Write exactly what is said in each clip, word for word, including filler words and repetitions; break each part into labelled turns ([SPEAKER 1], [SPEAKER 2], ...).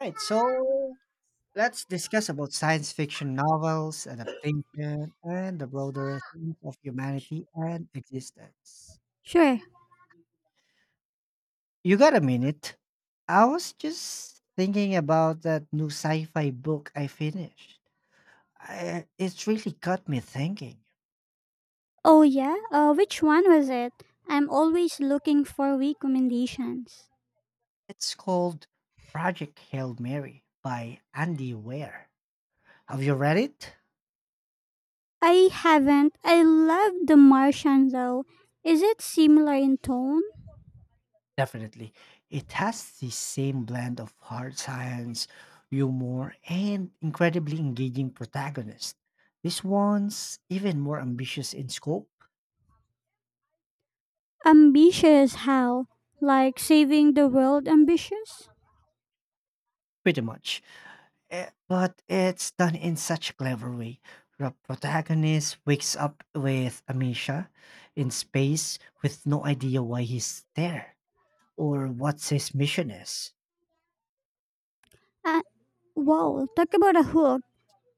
[SPEAKER 1] Right, so let's discuss about science fiction novels, adaptation, and the broader themes of humanity and existence.
[SPEAKER 2] Sure.
[SPEAKER 1] You got a minute? I was just thinking about that new sci-fi book I finished. I, it's really got me thinking.
[SPEAKER 2] Oh, yeah? Uh, which one was it? I'm always looking for recommendations.
[SPEAKER 1] It's called Project Hail Mary by Andy Weir. Have you read it?
[SPEAKER 2] I haven't. I love The Martian, though. Is it similar in tone?
[SPEAKER 1] Definitely. It has the same blend of hard science, humor, and incredibly engaging protagonist. This one's even more ambitious in scope,
[SPEAKER 2] Ambitious, how? Like saving the world ambitious?
[SPEAKER 1] pretty much. Eh, But it's done in such a clever way. The protagonist wakes up with amnesia in space with no idea why he's there or what his mission is.
[SPEAKER 2] Uh, wow, talk about a hook.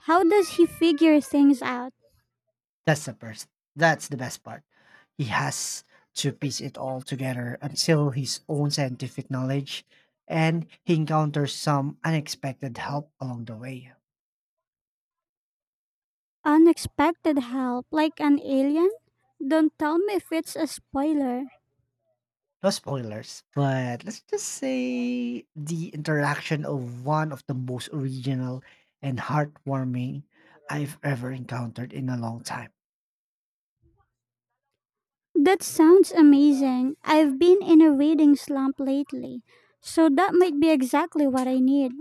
[SPEAKER 2] How does he figure things out?
[SPEAKER 1] That's the first. That's the best part. He has to piece it all together until his own scientific knowledge, and he encounters some unexpected help along the way.
[SPEAKER 2] Unexpected help, like an alien? Don't tell me if it's a spoiler.
[SPEAKER 1] No spoilers, but let's just say the interaction of one of the most original and heartwarming I've ever encountered in a long time.
[SPEAKER 2] That sounds amazing. I've been in a reading slump lately, so that might be exactly what I need.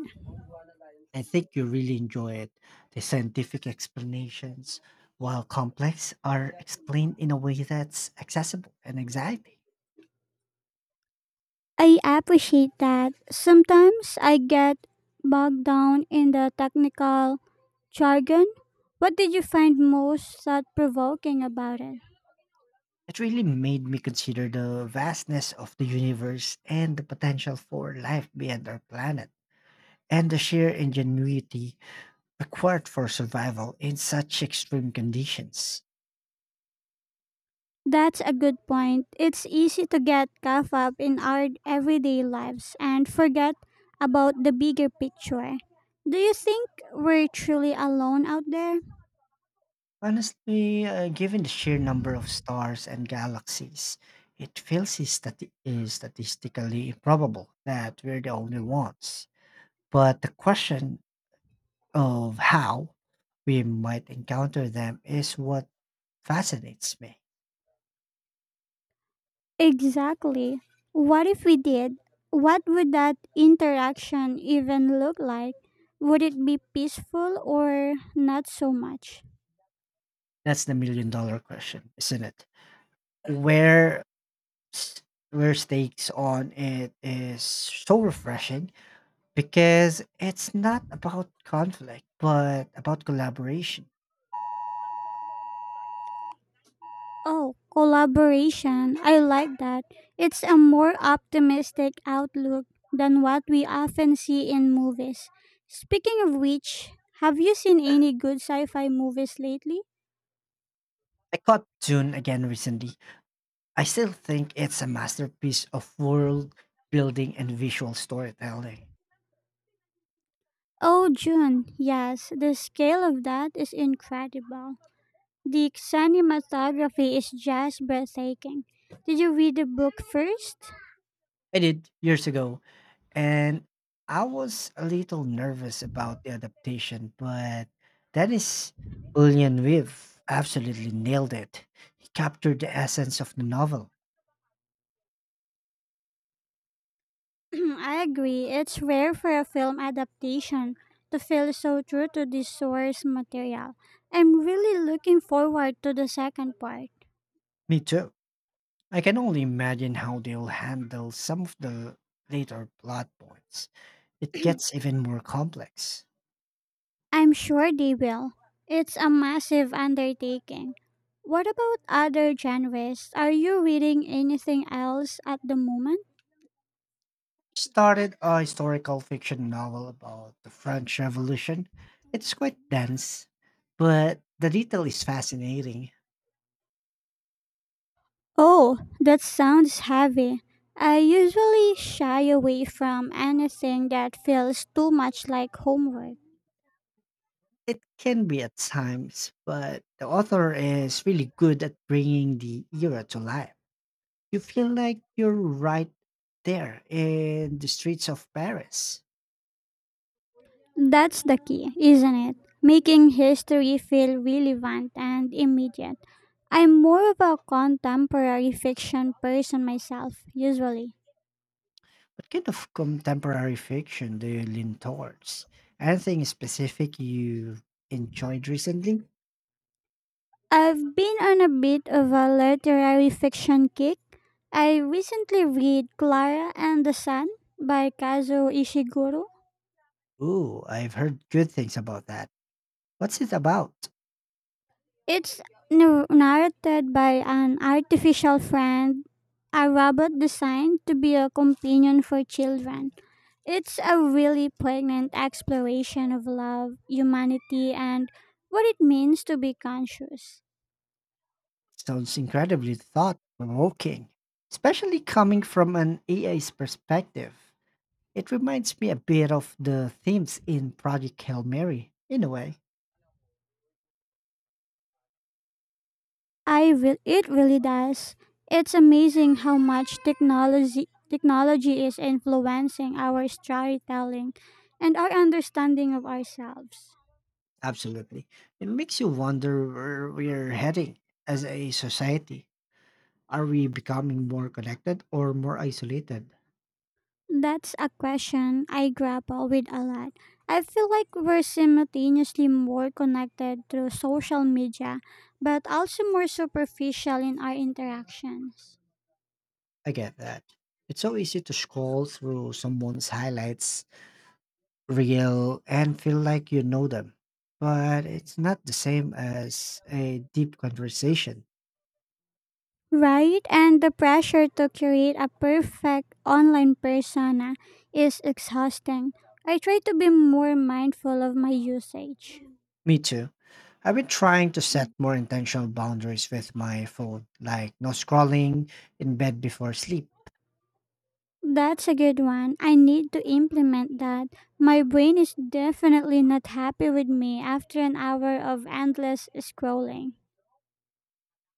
[SPEAKER 1] I think you really enjoy it. The scientific explanations, while complex, are explained in a way that's accessible and exciting.
[SPEAKER 2] I appreciate that. Sometimes I get bogged down in the technical jargon. What did you find most thought provoking about it?
[SPEAKER 1] It really made me consider the vastness of the universe and the potential for life beyond our planet, and the sheer ingenuity required for survival in such extreme conditions.
[SPEAKER 2] That's a good point. It's easy to get caught up in our everyday lives and forget about the bigger picture. Do you think we're truly alone out there?
[SPEAKER 1] Honestly, uh, given the sheer number of stars and galaxies, it feels stati- uh, statistically improbable that we're the only ones. But the question of how we might encounter them is what fascinates me.
[SPEAKER 2] Exactly. What if we did? What would that interaction even look like? Would it be peaceful or not so much?
[SPEAKER 1] That's the million dollar question, isn't it? Where s- where stakes on it is so refreshing because it's not about conflict, but about collaboration.
[SPEAKER 2] Oh, collaboration. I like that. It's a more optimistic outlook than what we often see in movies. Speaking of which, have you seen any good sci fi movies lately?
[SPEAKER 1] I caught Dune again recently. I still think it's a masterpiece of world building and visual storytelling.
[SPEAKER 2] Oh, June. Yes, the scale of that is incredible. The cinematography is just breathtaking. Did you read the book first?
[SPEAKER 1] I did years ago, and I was a little nervous about the adaptation, but Dennis Villeneuve absolutely nailed it. He captured the essence of the novel.
[SPEAKER 2] I agree. It's rare for a film adaptation to feel so true to the source material. I'm really looking forward to the second part.
[SPEAKER 1] Me too. I can only imagine how they'll handle some of the later plot points. It gets even more complex.
[SPEAKER 2] I'm sure they will. It's a massive undertaking. What about other genres? Are you reading anything else at the moment?
[SPEAKER 1] Started a historical fiction novel about the French Revolution. It's quite dense, but the detail is fascinating.
[SPEAKER 2] Oh, that sounds heavy. I usually shy away from anything that feels too much like homework.
[SPEAKER 1] It can be at times, but the author is really good at bringing the era to life. You feel like you're right there in the streets of Paris.
[SPEAKER 2] That's the key, isn't it? Making history feel relevant and immediate. I'm more of a contemporary fiction person myself, usually.
[SPEAKER 1] What kind of contemporary fiction do you lean towards? Anything specific you enjoyed recently?
[SPEAKER 2] I've been on a bit of a literary fiction kick. I recently read Clara and the Sun by Kazuo Ishiguro.
[SPEAKER 1] Ooh, I've heard good things about that. What's it about?
[SPEAKER 2] It's nar- narrated by an artificial friend, a robot designed to be a companion for children. It's a really poignant exploration of love, humanity, and what it means to be conscious.
[SPEAKER 1] Sounds incredibly thought provoking, especially coming from an A I's perspective. It reminds me a bit of the themes in Project Hail Mary, in a way.
[SPEAKER 2] I will. It really does. It's amazing how much technology technology is influencing our storytelling and our understanding of ourselves.
[SPEAKER 1] Absolutely. It makes you wonder where we're heading as a society. Are we becoming more connected or more isolated?
[SPEAKER 2] That's a question I grapple with a lot. I feel like we're simultaneously more connected through social media, but also more superficial in our interactions.
[SPEAKER 1] I get that. It's so easy to scroll through someone's highlights real and feel like you know them. But it's not the same as a deep conversation.
[SPEAKER 2] Right? And the pressure to create a perfect online persona is exhausting. I try to be more mindful of my usage.
[SPEAKER 1] Me too. I've been trying to set more intentional boundaries with my phone, like no scrolling in bed before sleep.
[SPEAKER 2] That's a good one. I need to implement that. My brain is definitely not happy with me after an hour of endless scrolling.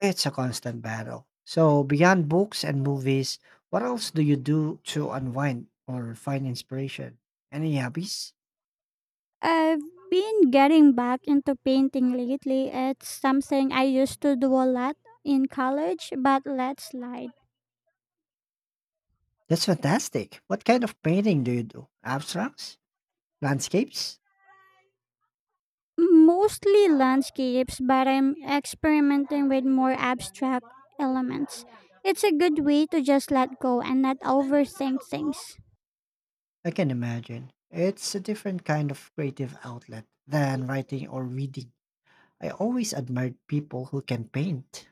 [SPEAKER 1] It's a constant battle. So, beyond books and movies, what else do you do to unwind or find inspiration? Any hobbies?
[SPEAKER 2] I've been getting back into painting lately. It's something I used to do a lot in college, but let slide.
[SPEAKER 1] That's fantastic. What kind of painting do you do? Abstracts? Landscapes?
[SPEAKER 2] Mostly landscapes, but I'm experimenting with more abstract elements. It's a good way to just let go and not overthink things.
[SPEAKER 1] I can imagine. It's a different kind of creative outlet than writing or reading. I always admired people who can paint.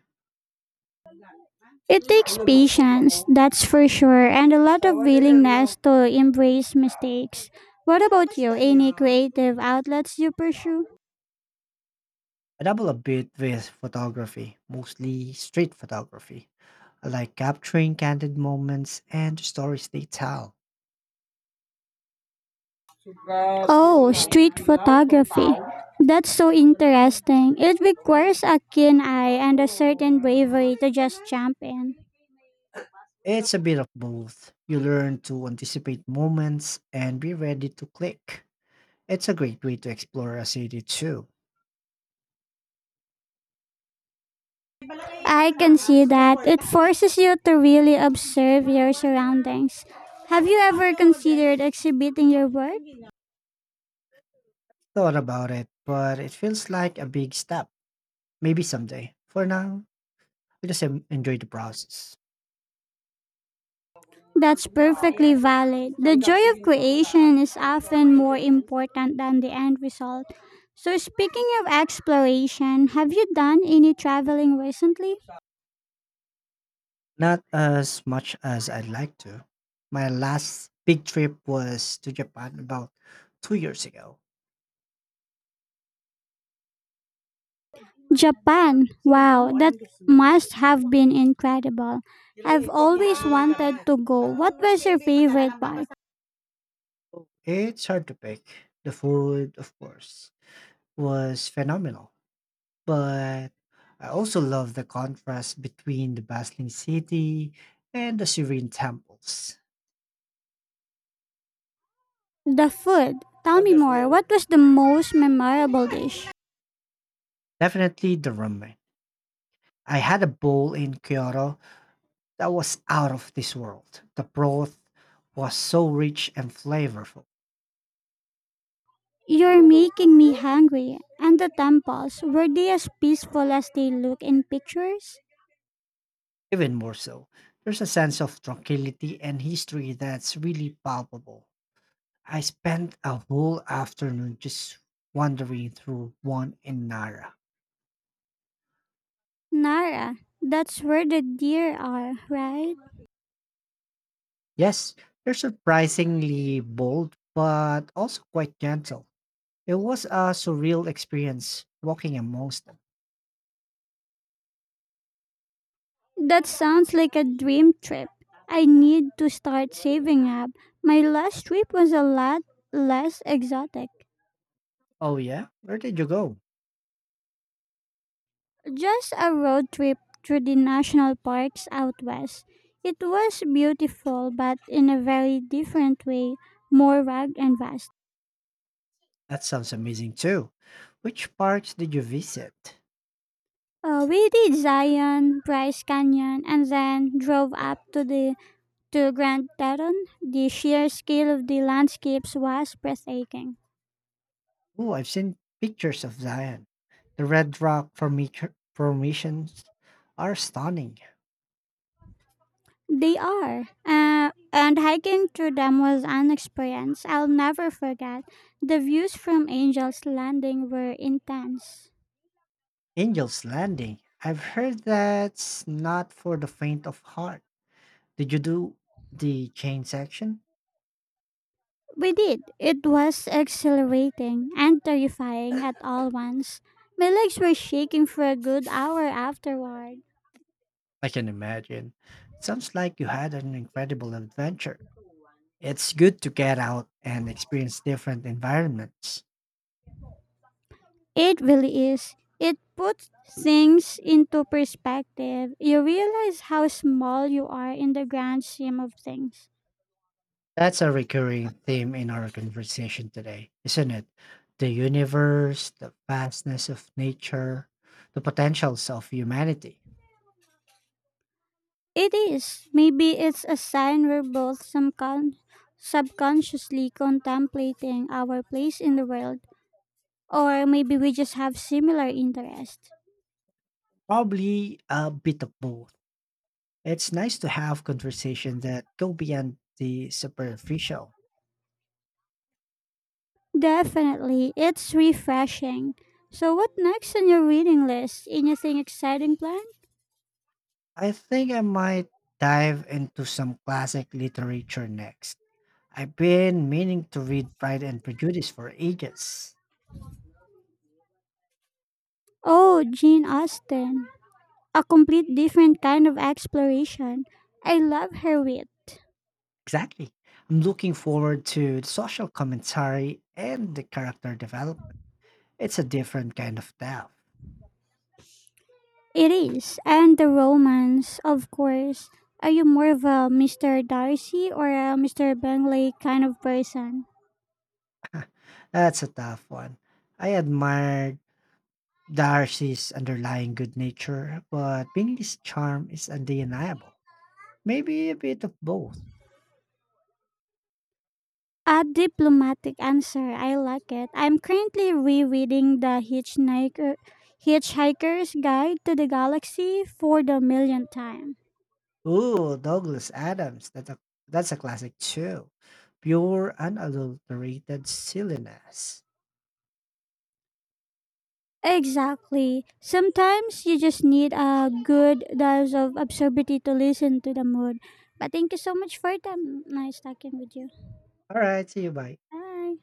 [SPEAKER 2] It takes patience, that's for sure, and a lot of willingness to embrace mistakes. What about you? Any creative outlets you pursue?
[SPEAKER 1] I dabble a bit with photography, mostly street photography. I like capturing candid moments and the stories they tell.
[SPEAKER 2] Oh, street photography. That's so interesting. It requires a keen eye and a certain bravery to just jump in.
[SPEAKER 1] It's a bit of both. You learn to anticipate moments and be ready to click. It's a great way to explore a city too.
[SPEAKER 2] I can see that. It forces you to really observe your surroundings. Have you ever considered exhibiting your work?
[SPEAKER 1] Thought about it, but it feels like a big step. Maybe someday. For now, we just en- enjoy the process.
[SPEAKER 2] That's perfectly valid. The joy of creation is often more important than the end result. So, speaking of exploration, have you done any traveling recently?
[SPEAKER 1] Not as much as I'd like to. My last big trip was to Japan about two years ago.
[SPEAKER 2] Japan. Wow, that must have been incredible. I've always wanted to go. What was your favorite part?
[SPEAKER 1] It's hard to pick. The food, of course, was phenomenal. But I also love the contrast between the bustling city and the serene temples.
[SPEAKER 2] The food. Tell me more. What was the most memorable dish?
[SPEAKER 1] Definitely the ramen. I had a bowl in Kyoto that was out of this world. The broth was so rich and flavorful.
[SPEAKER 2] You're making me hungry. And the temples, were they as peaceful as they look in pictures?
[SPEAKER 1] Even more so, there's a sense of tranquility and history that's really palpable. I spent a whole afternoon just wandering through one in Nara.
[SPEAKER 2] Nara, that's where the deer are, right?
[SPEAKER 1] Yes, they're surprisingly bold, but also quite gentle. It was a surreal experience walking amongst them.
[SPEAKER 2] That sounds like a dream trip. I need to start saving up. My last trip was a lot less exotic.
[SPEAKER 1] Oh, yeah? Where did you go?
[SPEAKER 2] Just a road trip through the national parks out west. It was beautiful, but in a very different way, more rugged and vast.
[SPEAKER 1] That sounds amazing too. Which parks did you visit?
[SPEAKER 2] Uh, we did Zion, Bryce Canyon, and then drove up to the To Grand Teton. The sheer scale of the landscapes was breathtaking.
[SPEAKER 1] Oh, I've seen pictures of Zion. The Red Rock formi- formations are stunning.
[SPEAKER 2] They are. Uh, and hiking through them was an experience I'll never forget. The views from Angel's Landing were intense.
[SPEAKER 1] Angel's Landing. I've heard that's not for the faint of heart. Did you do the chain section?
[SPEAKER 2] We did. It was exhilarating and terrifying at all once. My legs were shaking for a good hour afterward.
[SPEAKER 1] I can imagine. Sounds like you had an incredible adventure. It's good to get out and experience different environments.
[SPEAKER 2] It really is. It puts things into perspective. You realize how small you are in the grand scheme of things.
[SPEAKER 1] That's a recurring theme in our conversation today, isn't it? The universe, the vastness of nature, the potentials of humanity.
[SPEAKER 2] It is. Maybe it's a sign we're both some con- subconsciously contemplating our place in the world, or maybe we just have similar interests.
[SPEAKER 1] Probably a bit of both. It's nice to have conversations that go beyond the superficial.
[SPEAKER 2] Definitely, it's refreshing. So, what next on your reading list? Anything exciting planned?
[SPEAKER 1] I think I might dive into some classic literature next. I've been meaning to read Pride and Prejudice for ages.
[SPEAKER 2] Oh, Jane Austen. A complete different kind of exploration. I love her wit.
[SPEAKER 1] Exactly. I'm looking forward to the social commentary and the character development. It's a different kind of tough.
[SPEAKER 2] It is. And the romance, of course. Are you more of a mister Darcy or a mister Bentley kind of person?
[SPEAKER 1] That's a tough one. I admired Darcy's underlying good nature, but Bingley's charm is undeniable. Maybe a bit of both.
[SPEAKER 2] A diplomatic answer. I like it. I'm currently rereading The Hitchhiker, Hitchhiker's Guide to the Galaxy for the millionth time.
[SPEAKER 1] Ooh, Douglas Adams. That's a, that's a classic too. Pure, unadulterated silliness.
[SPEAKER 2] Exactly. Sometimes you just need a good dose of absurdity to listen to the mood. But thank you so much for your time. Nice talking with you.
[SPEAKER 1] All right, see you. Bye.
[SPEAKER 2] Bye.